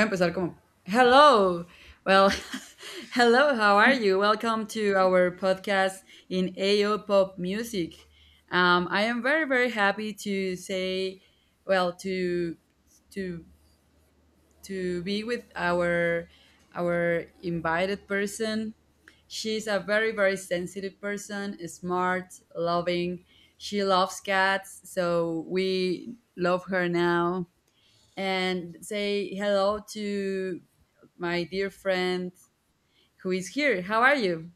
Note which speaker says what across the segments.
Speaker 1: Voy a empezar como, hello, well, hello, how are you? Welcome to our podcast in AO Pop Music. I am very, very happy to say, well, to to be with our invited person. She's a very, very sensitive person, smart, loving. She loves cats, so we love her now and say hello to my dear friend who is here. How are you?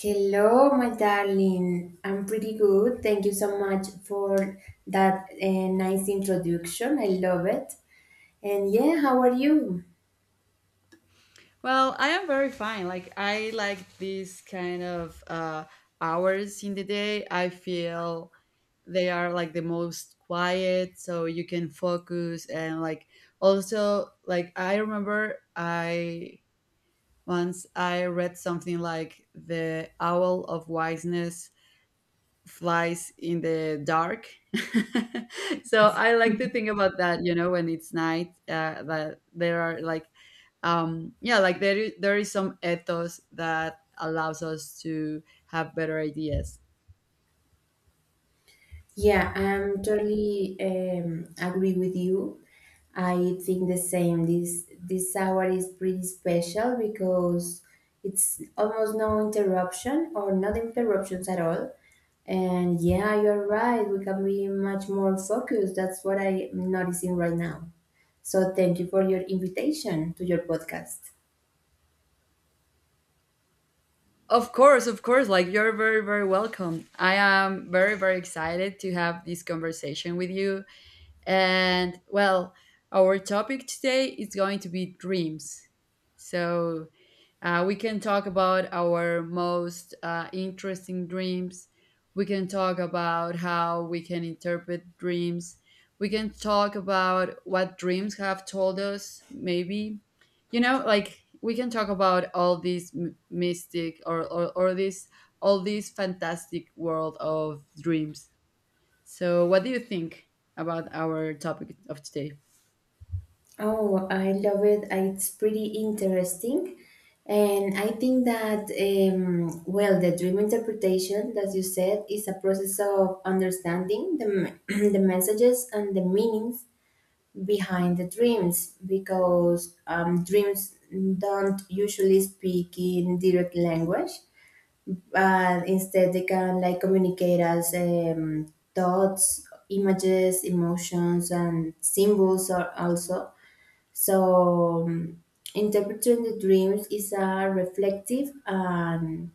Speaker 2: Hello, my darling. I'm pretty good. Thank you so much for that nice introduction. I love it. And yeah, how are you?
Speaker 1: Well, I am very fine. Like I like these kind of hours in the day. I feel they are like the most quiet, so you can focus and like also like I remember I once I read something like the Owl of Wiseness flies in the dark. So I like to think about that, you know, when it's night, that there are like, yeah, like there is some ethos that allows us to have better ideas.
Speaker 2: Yeah, I'm totally agree with you. I think the same. This hour is pretty special because it's almost no interruption or not interruptions at all. And yeah, you're right. We can be much more focused. That's what I'm noticing right now. So thank you for your invitation to your podcast.
Speaker 1: Of course, like you're very, very welcome. I am very, very excited to have this conversation with you. And well, our topic today is going to be dreams. So we can talk about our most interesting dreams. We can talk about how we can interpret dreams. We can talk about what dreams have told us, maybe. You know, like we can talk about all this mystic or this all this fantastic world of dreams, so, what do you think about our topic of today?
Speaker 2: Oh, I love it. It's pretty interesting. And I think that, well, the dream interpretation, as you said, is a process of understanding the messages and the meanings behind the dreams because dreams don't usually speak in direct language, but instead they can like communicate as thoughts, images, emotions, and symbols are also. So, interpreting the dreams is a reflective and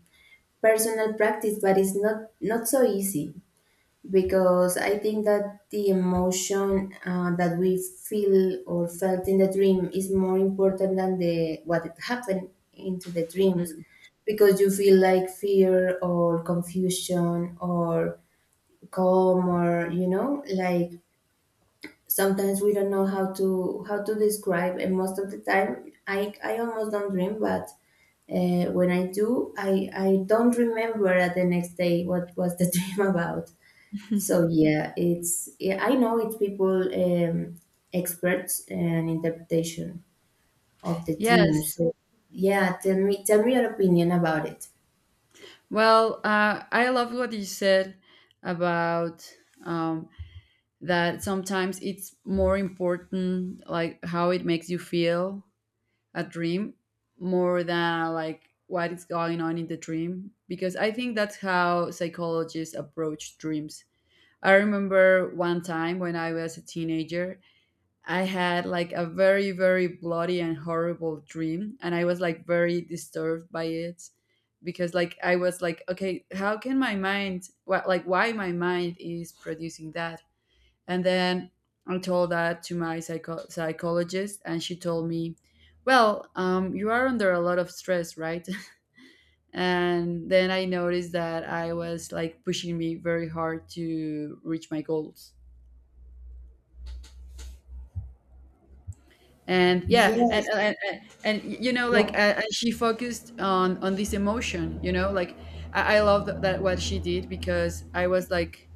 Speaker 2: personal practice, but it's not, not so easy because I think that the emotion that we feel or felt in the dream is more important than the what it happened into the dreams,
Speaker 1: Mm.
Speaker 2: because you feel like fear or confusion or calm or you know, like sometimes we don't know how to describe. And most of the time I almost don't dream, but when I do, I don't remember at the next day what was the dream about. So yeah, it's yeah, I know, it's people, experts and interpretation of the dream.
Speaker 1: Yes.
Speaker 2: So yeah, tell me your opinion about it.
Speaker 1: Well, I love what you said about um, that sometimes it's more important, like how it makes you feel a dream more than like what is going on in the dream. Because I think that's how psychologists approach dreams. I remember one time when I was a teenager I had like a very, very bloody and horrible dream, and I was like very disturbed by it because like I was like, okay, how can my mind, like, why my mind is producing that? And then I told that to my psychologist, and she told me, well, you are under a lot of stress, right? And then I noticed that I was like pushing me very hard to reach my goals. And yeah,
Speaker 2: Yeah.
Speaker 1: and like
Speaker 2: No.
Speaker 1: and she focused on this emotion. I, I love that what she did because I was like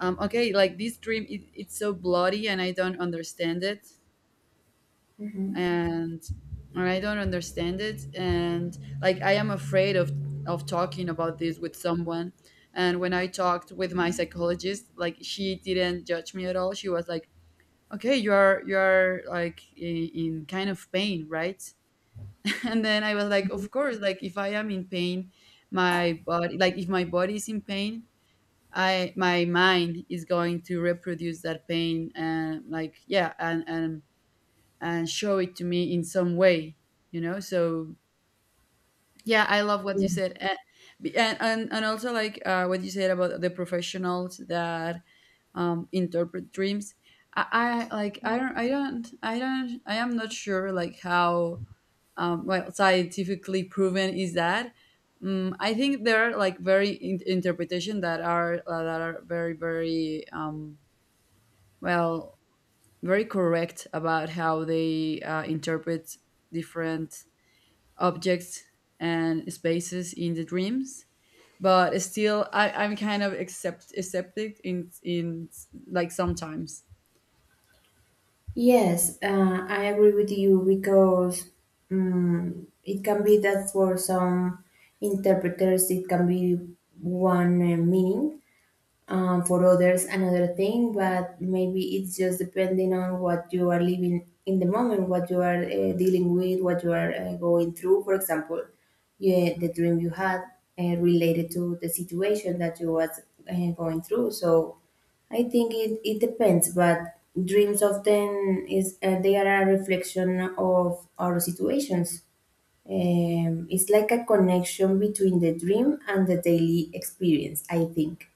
Speaker 1: okay, like this dream it's so bloody and I don't understand it,
Speaker 2: Mhm.
Speaker 1: and I don't understand it, and like I am afraid of talking about this with someone, and when I talked with my psychologist, like she didn't judge me at all. She was like, okay, you are like in kind of pain, right? And then I was like, of course, like if I am in pain, my body like if my body is in pain, I my mind is going to reproduce that pain, and like yeah, and and show it to me in some way, you know? So yeah, I love what you said, and and also like what you said about the professionals that interpret dreams. I, I like I don't I am not sure like how well scientifically proven is that. I think there are like very interpretation that are very very well very correct about how they interpret different objects and spaces in the dreams. But still, I'm kind of accepted in like sometimes.
Speaker 2: Yes, I agree with you because it can be that for some interpreters it can be one meaning, for others another thing. But maybe it's just depending on what you are living in the moment, what you are dealing with, what you are going through. For example, yeah, the dream you had related to the situation that you was going through. So I think it depends, but dreams often is they are a reflection of our situations. It's like a connection between the dream and the daily experience, I think.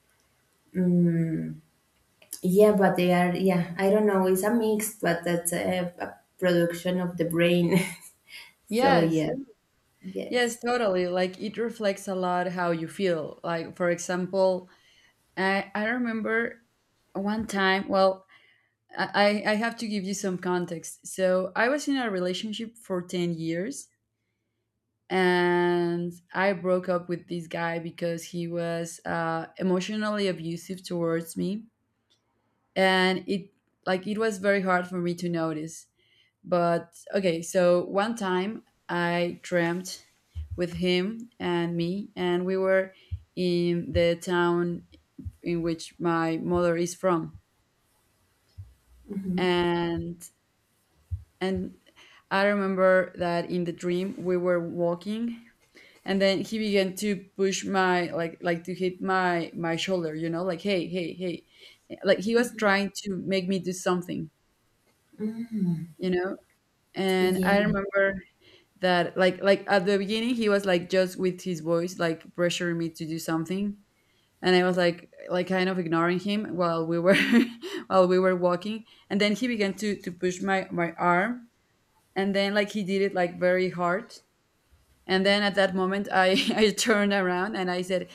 Speaker 2: Yeah, but they are, yeah, I don't know, it's a mix, but that's a production of the brain. So,
Speaker 1: Yes,
Speaker 2: yeah,
Speaker 1: yes,
Speaker 2: yes.
Speaker 1: totally. Like it reflects a lot how you feel. Like for example, I remember one time, well, I have to give you some context. So I was in a relationship for 10 years and I broke up with this guy because he was emotionally abusive towards me. And it like it was very hard for me to notice. But okay, so one time I dreamt with him and me, and we were in the town in which my mother is from,
Speaker 2: hmm
Speaker 1: and and I remember that in the dream we were walking, and then he began to push my like to hit my shoulder, you know, like hey, hey, hey. Like he was trying to make me do something, you know? And I
Speaker 2: Yeah.
Speaker 1: remember that like at the beginning he was like just with his voice like pressuring me to do something, and I was like kind of ignoring him while we were while we were walking, and then he began to push my arm, and then like he did it like very hard, and then at that moment I I turned around and I said,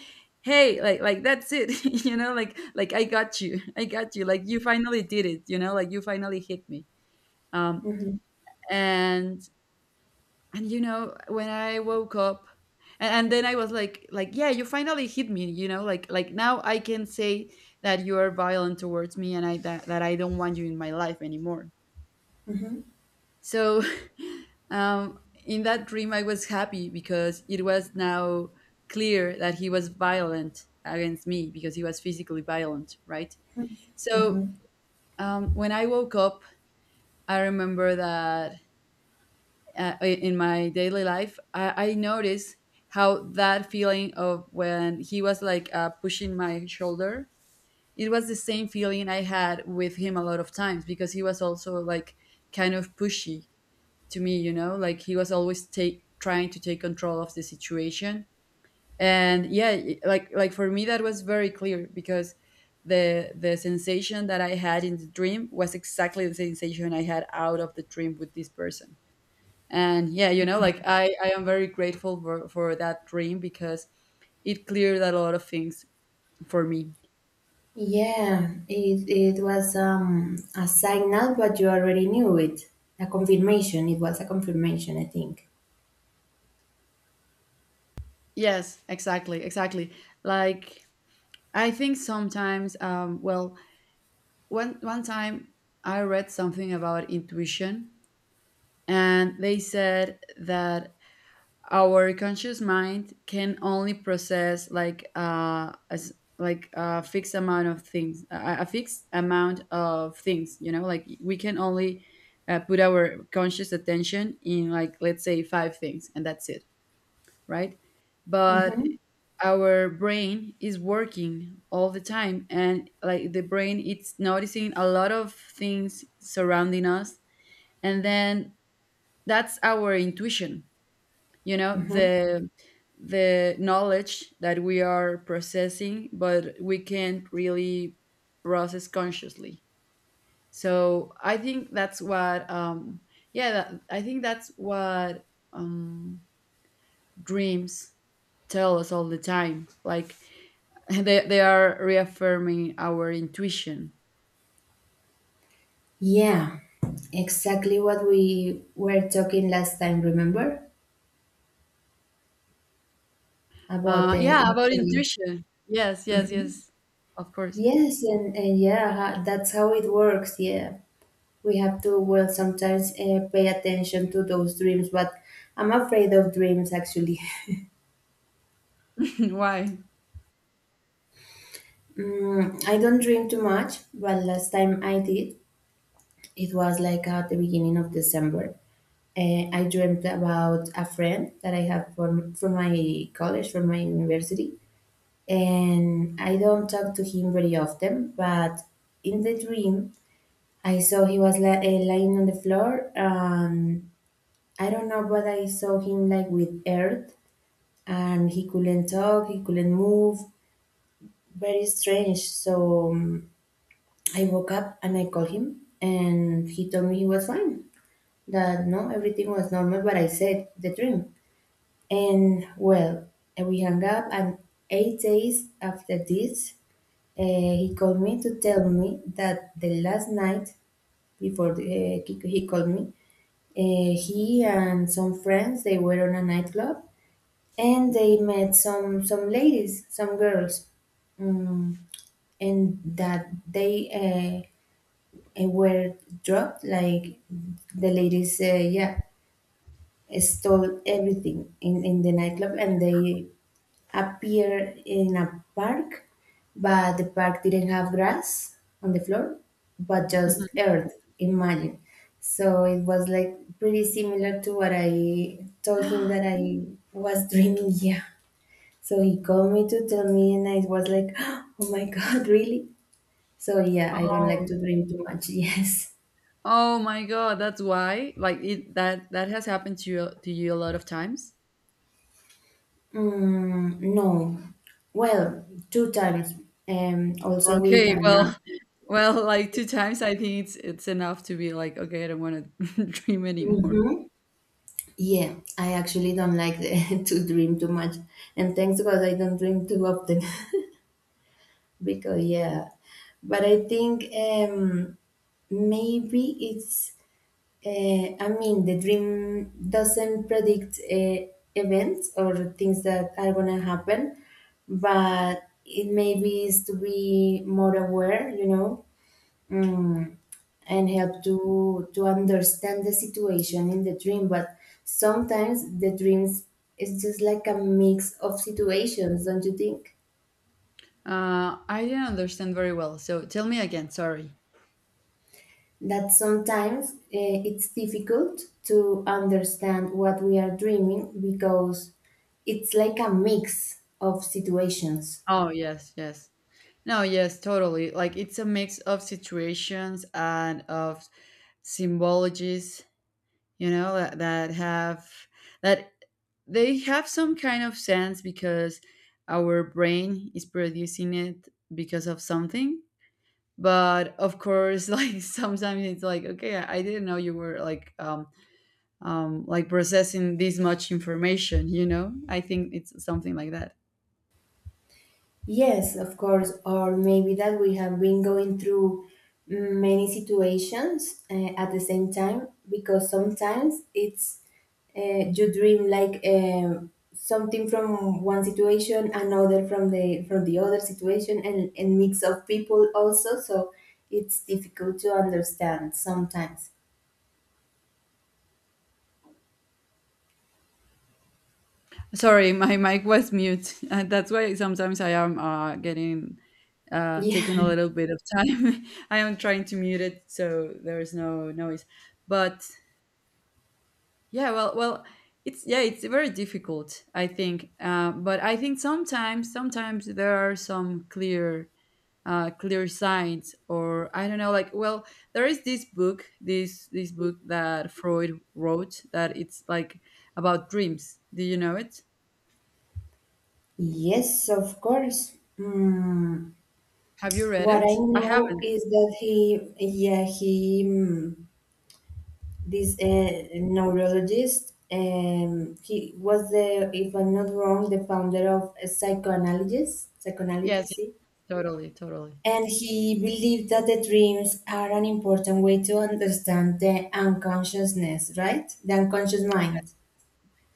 Speaker 1: hey, like that's it, you know, like I got you, I got you, like you finally did it, you know, like you finally hit me. um
Speaker 2: hmm
Speaker 1: and and you know when I woke up, and then I was like yeah, you finally hit me, you know, like now I can say that you are violent towards me, and I that I don't want you in my life anymore.
Speaker 2: hmm
Speaker 1: So, um, in that dream, I was happy because it was now clear that he was violent against me because he was physically violent, right? So,
Speaker 2: hmm
Speaker 1: when I woke up, I remember that in my daily life, I noticed how that feeling of when he was like pushing my shoulder, it was the same feeling I had with him a lot of times because he was also like kind of pushy to me, you know, like he was always take trying to take control of the situation. And yeah, like for me that was very clear because the sensation that I had in the dream was exactly the sensation I had out of the dream with this person. And yeah, you know, like I am very grateful for that dream because it cleared a lot of things for me.
Speaker 2: Yeah, it was a signal, but you already knew it. A confirmation, it was a confirmation, I think.
Speaker 1: Yes, exactly, exactly. Like I think sometimes, well, one time I read something about intuition, and they said that our conscious mind can only process like as like a fixed amount of things, a fixed amount of things, you know, like we can only put our conscious attention in like let's say five things, and that's it, right? But
Speaker 2: Hmm
Speaker 1: our brain is working all the time, and like the brain it's noticing a lot of things surrounding us, and then that's our intuition, you know,
Speaker 2: hmm
Speaker 1: the knowledge that we are processing but we can't really process consciously. So I think that's what yeah, I think that's what um dreams tell us all the time, like they are reaffirming our intuition.
Speaker 2: Yeah, exactly what we were talking last time, remember? About the
Speaker 1: Yeah, about
Speaker 2: intuition.
Speaker 1: intuition. Yes, yes, yes. Of course.
Speaker 2: Yes, and yeah, that's how it works. Yeah, we have to, well, sometimes pay attention to those dreams, but I'm afraid of dreams actually.
Speaker 1: Why?
Speaker 2: I don't dream too much, but last time I did, it was like at the beginning of December. I dreamt about a friend that I have from, my college, from my university, and I don't talk to him very often, but in the dream, I saw he was lying on the floor. I don't know, but I saw him like with earth, and he couldn't talk, he couldn't move. Very strange. So I woke up and I called him, and he told me he was fine, that no, everything was normal. But I said the dream, and well, and we hung up. And 8 days after this, uh, he called me to tell me that the last night before the, he called me. He and some friends they were on a nightclub and they met some ladies, some girls, and that they were drugged. Like the ladies, yeah, stole everything in the nightclub and they appeared in a park, but the park didn't have grass on the floor, but just earth. Imagine. So it was like pretty similar to what I told him that I was dreaming. Yeah. So he called me to tell me, and I was like, oh my God, really? So yeah, I don't like
Speaker 1: Oh,
Speaker 2: to dream too much. Yes.
Speaker 1: oh my God, that's why. Like it that that has happened to you a lot of times.
Speaker 2: Mm, no. Well, two times. Also with
Speaker 1: Okay,
Speaker 2: Anna.
Speaker 1: well, well, like two times, I think it's enough to be like, okay, I don't want to dream anymore.
Speaker 2: Mhm. Yeah, I actually don't like to dream too much. And thanks God I don't dream too often because, yeah. But I think maybe uh, I mean, the dream doesn't predict events or things that are going to happen, but it maybe is to be more aware, mm, and help to understand the situation in the dream. But sometimes the dreams is just like a mix of situations, don't you think?
Speaker 1: I didn't understand very well. So tell me again. Sorry.
Speaker 2: That sometimes, it's difficult to understand what we are dreaming, because it's like a mix of situations.
Speaker 1: Oh yes, yes. No, yes, totally. Like it's a mix of situations and of symbologies, you know, that have that they have some kind of sense because our brain is producing it because of something. But of course, like sometimes it's like, okay, I didn't know you were like processing this much information, you know? I think it's something like that.
Speaker 2: Yes, of course, or maybe that we have been going through many situations at the same time, because sometimes it's you dream like something from one situation, another from the other situation, and mix of people also. So it's difficult to understand sometimes.
Speaker 1: Sorry, my mic was mute. That's why sometimes I am getting taking a
Speaker 2: Yeah.
Speaker 1: little bit of time. I am trying to mute it so there is no noise. But yeah, well, well, it's yeah, it's very difficult, I think. But I think sometimes, sometimes there are some clear, clear signs, or I don't know, like well, there is this book, this book that Freud wrote that it's like about dreams. Do you know it?
Speaker 2: Yes, of course. Mm,
Speaker 1: Have you read
Speaker 2: what I
Speaker 1: it? I
Speaker 2: know
Speaker 1: haven't.
Speaker 2: is that he, yeah, he. This neurologist. He was the, if I'm not wrong, the founder of psychoanalysis.
Speaker 1: Yes,
Speaker 2: Psychoanalysis,
Speaker 1: yes,
Speaker 2: see?
Speaker 1: totally, totally.
Speaker 2: And he believed that the dreams are an important way to understand the unconsciousness, right? The unconscious mind.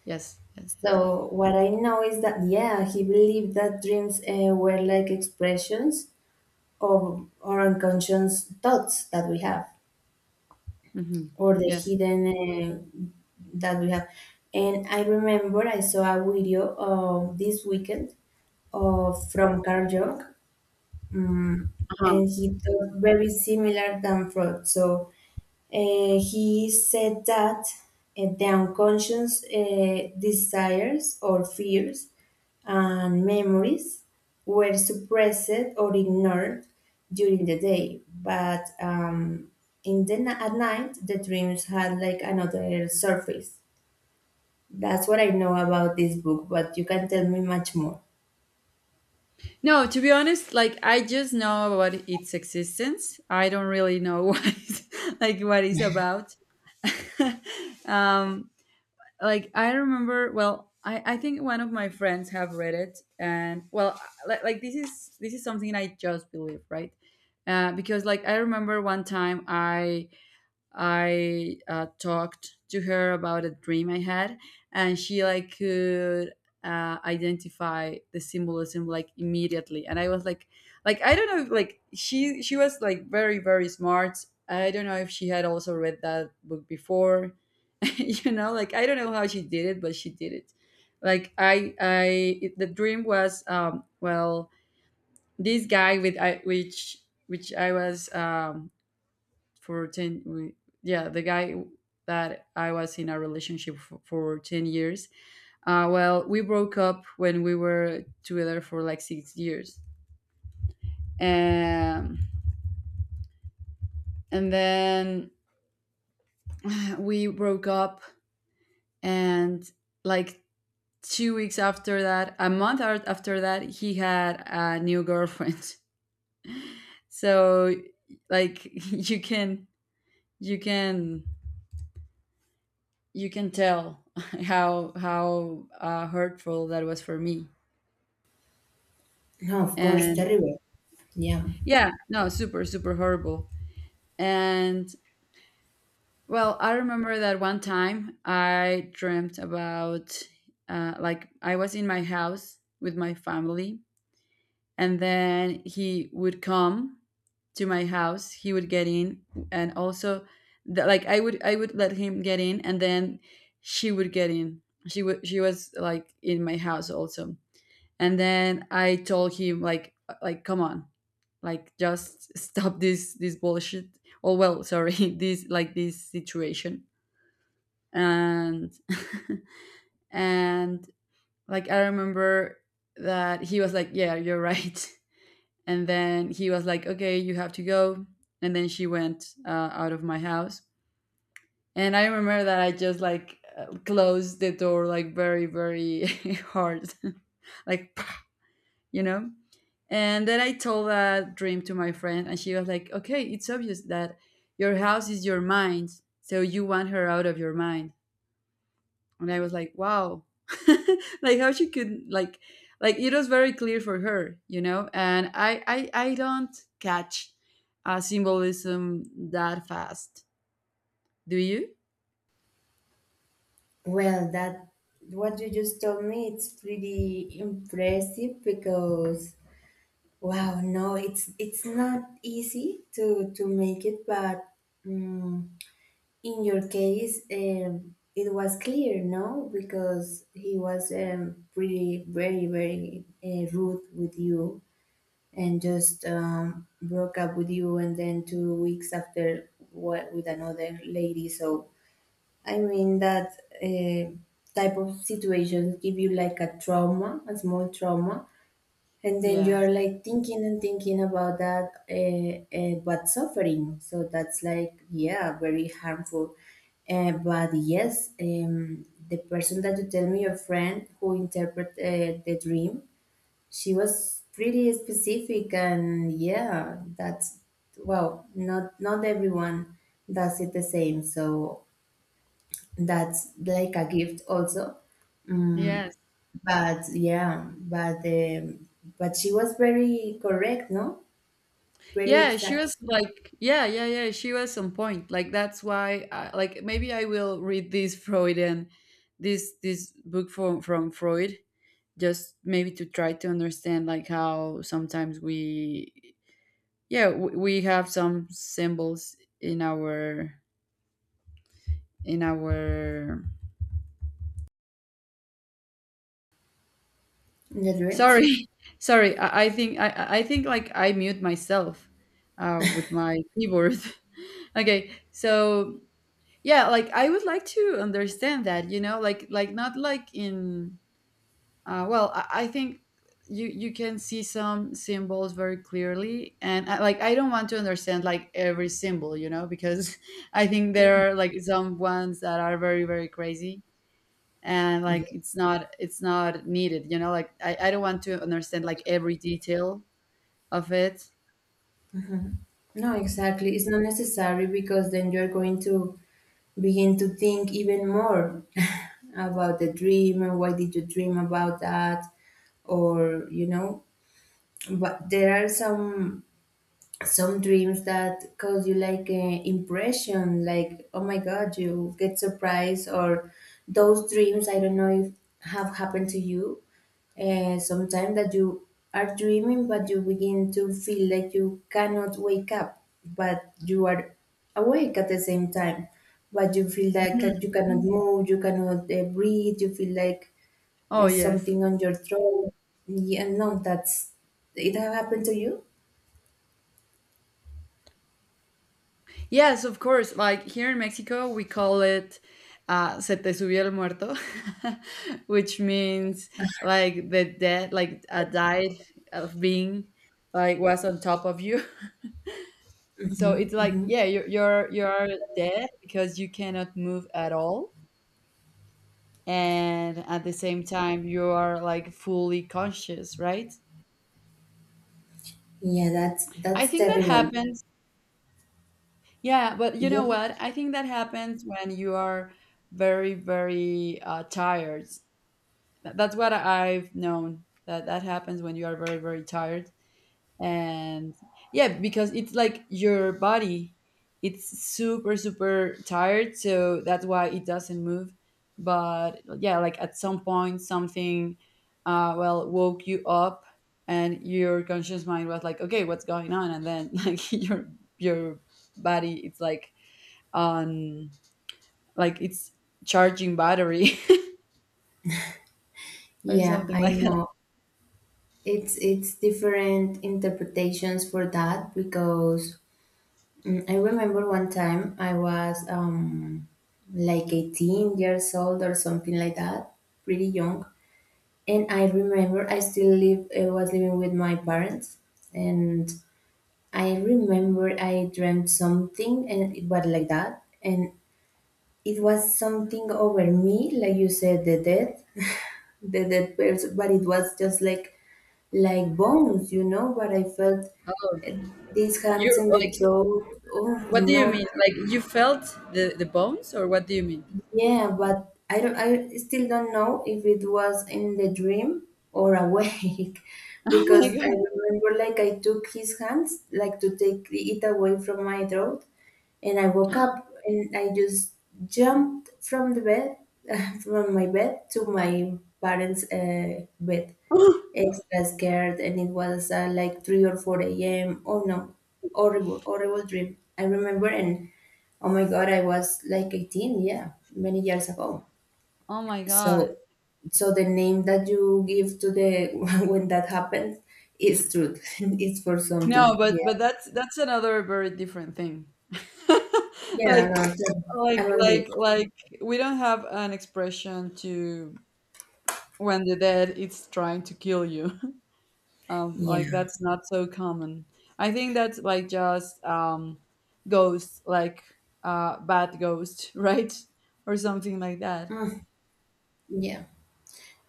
Speaker 1: Yes, yes, yes.
Speaker 2: So what I know is that yeah, he believed that dreams were like expressions of our unconscious thoughts that we have.
Speaker 1: Hmm.
Speaker 2: Or the
Speaker 1: Yes.
Speaker 2: hidden that we have. And I remember I saw a video of this weekend of from Carl Jung,
Speaker 1: Uh-huh.
Speaker 2: and he thought very similar than Freud. So he said that the unconscious desires or fears and memories were suppressed or ignored during the day, but at night the dreams had like another surface. That's what I know about this book, but you can tell me much more.
Speaker 1: No, to be honest, like I just know about its existence. I don't really know what it's, like what it's about. um, like I remember. Well, I think one of my friends have read it, and well, like this is something I just believe, right? Because like I remember one time I talked to her about a dream I had, and she like could identify the symbolism like immediately. And I was like I don't know, like she was like very very smart. I don't know if she had also read that book before. You know, I don't know how she did it, but she did it. Like I I the dream was — this guy with I which I was um for 10 yeah the guy that I was in a relationship for 10 years. Well, we broke up when we were together for like 6 years, um, and then we broke up, and like 2 weeks after that, a month after that, he had a new girlfriend. So, like, you can you can you can tell how hurtful that was for me.
Speaker 2: No, of course,
Speaker 1: And
Speaker 2: terrible. Yeah.
Speaker 1: yeah, no, super, super horrible. And well, I remember that one time I dreamt about, like, I was in my house with my family, and then he would come to my house. He would get in, and also, I would let him get in, and then she would get in. She was like in my house also, and then I told him like, come on, like just stop this bullshit. Oh, well, sorry, this, like, this situation. And and, like, I remember that he was like, yeah, you're right. And then he was like, okay, you have to go. And then she went out of my house, and I remember that I just like closed the door like very, very hard. Like you know and then I told that dream to my friend, and she was like, okay, it's obvious that your house is your mind, so you want her out of your mind. And I was like, wow, like how she could like, it was very clear for her, you know. And I don't catch symbolism that fast. Do you?
Speaker 2: Well, that what you just told me, it's pretty impressive. Because wow, no, it's not easy to make it, but mm in your case, it was clear, no, because he was pretty, very, very rude with you, and just broke up with you, and then 2 weeks after, what, with another lady. So I mean that uh, type of situations give you like a trauma, a small trauma, and then you
Speaker 1: Yes.
Speaker 2: are like thinking and thinking about that, but suffering. So that's like, yeah, very harmful. But yes, the person that you tell me, your friend who interpret the dream, she was pretty specific, and yeah, that's, well, not everyone does it the same. So that's like a gift also.
Speaker 1: Yes.
Speaker 2: But yeah, but she was very correct, no? Very
Speaker 1: Yeah, she was
Speaker 2: exact.
Speaker 1: like, yeah, yeah, yeah, she was on point. That's why, like, maybe I will read this Freudian, this book from Freud, just maybe to try to understand like how sometimes we, yeah, we have some symbols in our in our.
Speaker 2: The dreams?
Speaker 1: Sorry, sorry. I think I think like I mute myself, with my keyboard. Okay, so yeah, like, I would like to understand that, you know, like, not like in I think you can see some symbols very clearly, and like, I don't want to understand like every symbol, you know, because I think
Speaker 2: Mm.
Speaker 1: there are like some ones that are very, very crazy, and like
Speaker 2: Yeah.
Speaker 1: it's not needed, you know, like I don't want to understand like every detail of it.
Speaker 2: No, exactly. It's not necessary, because then you're going to begin to think even more about the dream and why did you dream about that, or you know but there are some dreams that cause you like an impression, like, oh my god, you get surprised. Or those dreams, I don't know if have happened to you, sometimes that you are dreaming but you begin to feel like you cannot wake up, but you are awake at the same time, but you feel like that
Speaker 1: Mhm.
Speaker 2: you cannot move, you cannot breathe, you feel like
Speaker 1: Oh yes.
Speaker 2: something on your throat. Yeah, no, that's— it have happened to you?
Speaker 1: Yes, of course. Like here in Mexico, we call it se te subió el muerto, which means like the dead, like a died of being, like was on top of you. So it's like,
Speaker 2: Mhm.
Speaker 1: yeah, you're dead because you cannot move at all, and at the same time you are like fully conscious, right?
Speaker 2: Yeah, that's
Speaker 1: I
Speaker 2: that's
Speaker 1: think that
Speaker 2: terrible.
Speaker 1: happens. Yeah, but you know
Speaker 2: Yeah.
Speaker 1: what? I think that happens when you are very, very tired. That's what I've known, that that happens when you are very, very tired. And yeah, because it's like your body, it's super, super tired, so that's why it doesn't move. But yeah, like at some point something woke you up, and your conscious mind was like, okay, what's going on? And then like your your body, it's like on, like it's charging battery. Or
Speaker 2: Yeah,
Speaker 1: something
Speaker 2: I
Speaker 1: like that.
Speaker 2: know. It's different interpretations for that, because I remember one time I was like 18 years old or something like that, pretty young. And I remember I still live I was living with my parents, and I remember I dreamt something and it was like that, and it was something over me, like you said, the death, the dead person, but it was just like bones, you know. But I felt these hands
Speaker 1: You're
Speaker 2: in the
Speaker 1: like,
Speaker 2: throat. Oh
Speaker 1: what do you
Speaker 2: no,
Speaker 1: mean? Like, you felt the bones, or what do you mean?
Speaker 2: yeah, but I still don't know if it was in the dream or awake
Speaker 1: Oh
Speaker 2: because
Speaker 1: my
Speaker 2: I
Speaker 1: god.
Speaker 2: remember like I took his hands like to take it away from my throat, and I woke up and I just jumped from the bed from my bed to my parents' bed, extra scared, and it was like 3 or 4 a.m. Oh no, horrible, horrible dream, I remember, and oh my god, I was like 18, yeah, many years ago.
Speaker 1: Oh my
Speaker 2: So
Speaker 1: god.
Speaker 2: the name that you give to the when that happens is truth. It's for
Speaker 1: No,
Speaker 2: something.
Speaker 1: but
Speaker 2: Yeah.
Speaker 1: that's another very different thing.
Speaker 2: Yeah, no,
Speaker 1: like
Speaker 2: so
Speaker 1: like
Speaker 2: I'm agree.
Speaker 1: like like we don't have an expression to when the dead is trying to kill you. Um, like
Speaker 2: Yeah.
Speaker 1: that's not so common. I think that's like just, um, ghost, like, bad ghost, right? Or something like that.
Speaker 2: Yeah.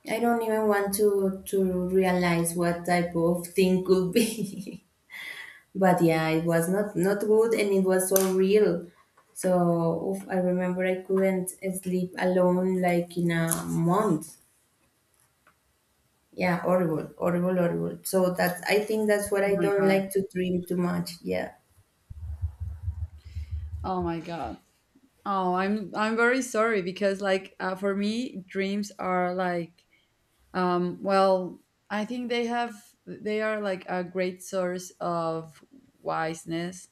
Speaker 2: I don't even want to realize what type of thing could be. But yeah, it was not good, and it was so real. So oof, I remember I couldn't sleep alone like in a month. Yeah, horrible, horrible, horrible. So that I think that's what
Speaker 1: Oh
Speaker 2: I
Speaker 1: my
Speaker 2: don't
Speaker 1: god.
Speaker 2: like to dream too much. Yeah.
Speaker 1: Oh my god. Oh, I'm very sorry, because like, for me dreams are like, um well, I think they have, they are like a great source of wiseness.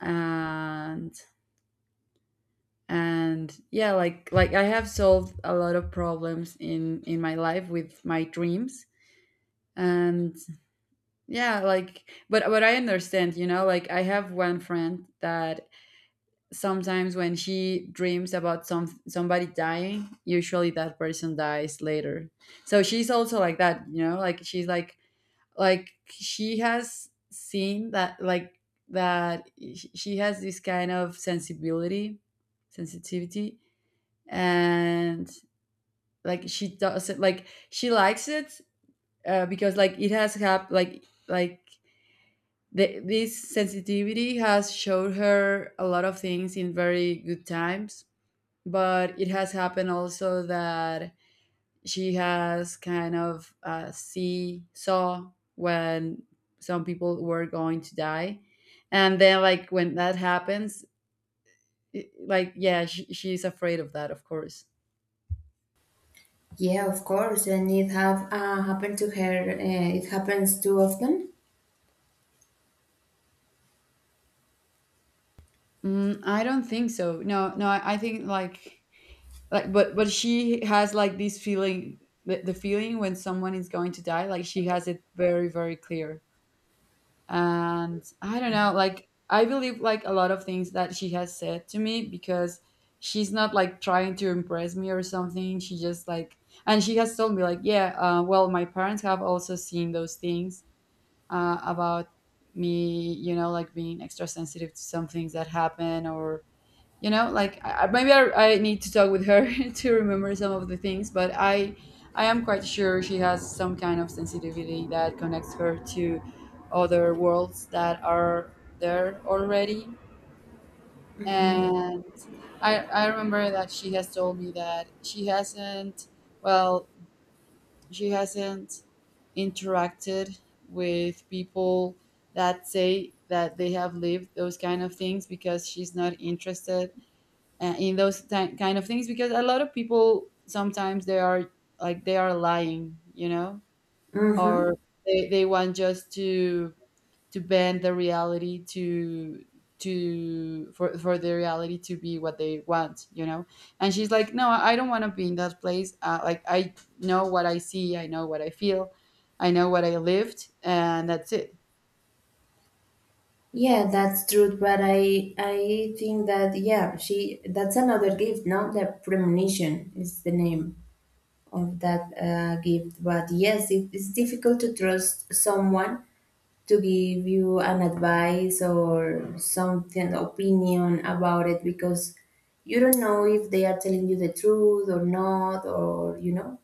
Speaker 1: And yeah, like, I have solved a lot of problems in my life with my dreams. And yeah, like, but I understand, you know. Like, I have one friend that sometimes when she dreams about somebody dying, usually that person dies later. So she's also like that, you know, like she's like, she has seen that, like that, she has this kind of sensibility, sensitivity. And like she doesn't, like she likes it, because like it has hap like, this sensitivity has showed her a lot of things in very good times. But it has happened also that she has kind of see saw when some people were going to die. And then like when that happens, like, yeah, she's afraid of that, of course.
Speaker 2: Yeah, of course, and it have happened to her, it happens too often?
Speaker 1: Mm, I don't think so. No, no, I think like, but she has like this feeling, the feeling when someone is going to die, like she has it very, very clear. And I don't know, like, I believe like a lot of things that she has said to me, because she's not like trying to impress me or something. She just like, and she has told me like, yeah, well, my parents have also seen those things about me, you know, like being extra sensitive to some things that happen. Or you know, like, maybe I need to talk with her to remember some of the things. But I am quite sure she has some kind of sensitivity that connects her to other worlds that are there already.
Speaker 2: Mm-hmm.
Speaker 1: And I remember that she has told me that she hasn't, well, she hasn't interacted with people that say that they have lived those kind of things, because she's not interested in those kind of things. Because a lot of people sometimes they are like, they are lying, you know. Or
Speaker 2: Mm-hmm.
Speaker 1: they want just to bend the reality to for the reality to be what they want, you know. And she's like, no, I don't want to be in that place. Like, I know what I see, I know what I feel, I know what I lived, and that's it.
Speaker 2: Yeah, that's true. But I think that yeah, she, that's another gift, no? The premonition is the name of that gift. But yes, it is difficult to trust someone to give you an advice or something opinion about it, because you don't know if they are telling you the truth or not, or,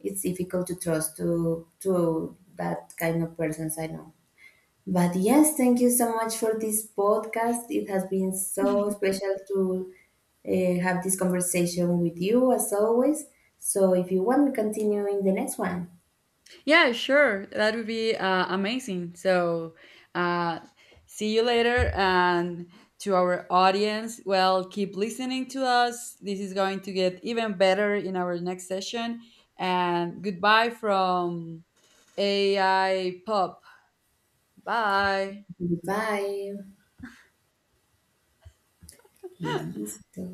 Speaker 2: it's difficult to trust to that kind of persons. I know. But yes, thank you so much for this podcast. It has been so special to have this conversation with you, as always. So, if you want, we continue in the next one.
Speaker 1: Yeah, sure. That would be amazing. So, uh, see you later. And to our audience, well, keep listening to us. This is going to get even better in our next session. And goodbye from AI Pop. Bye.
Speaker 2: Bye. Listo.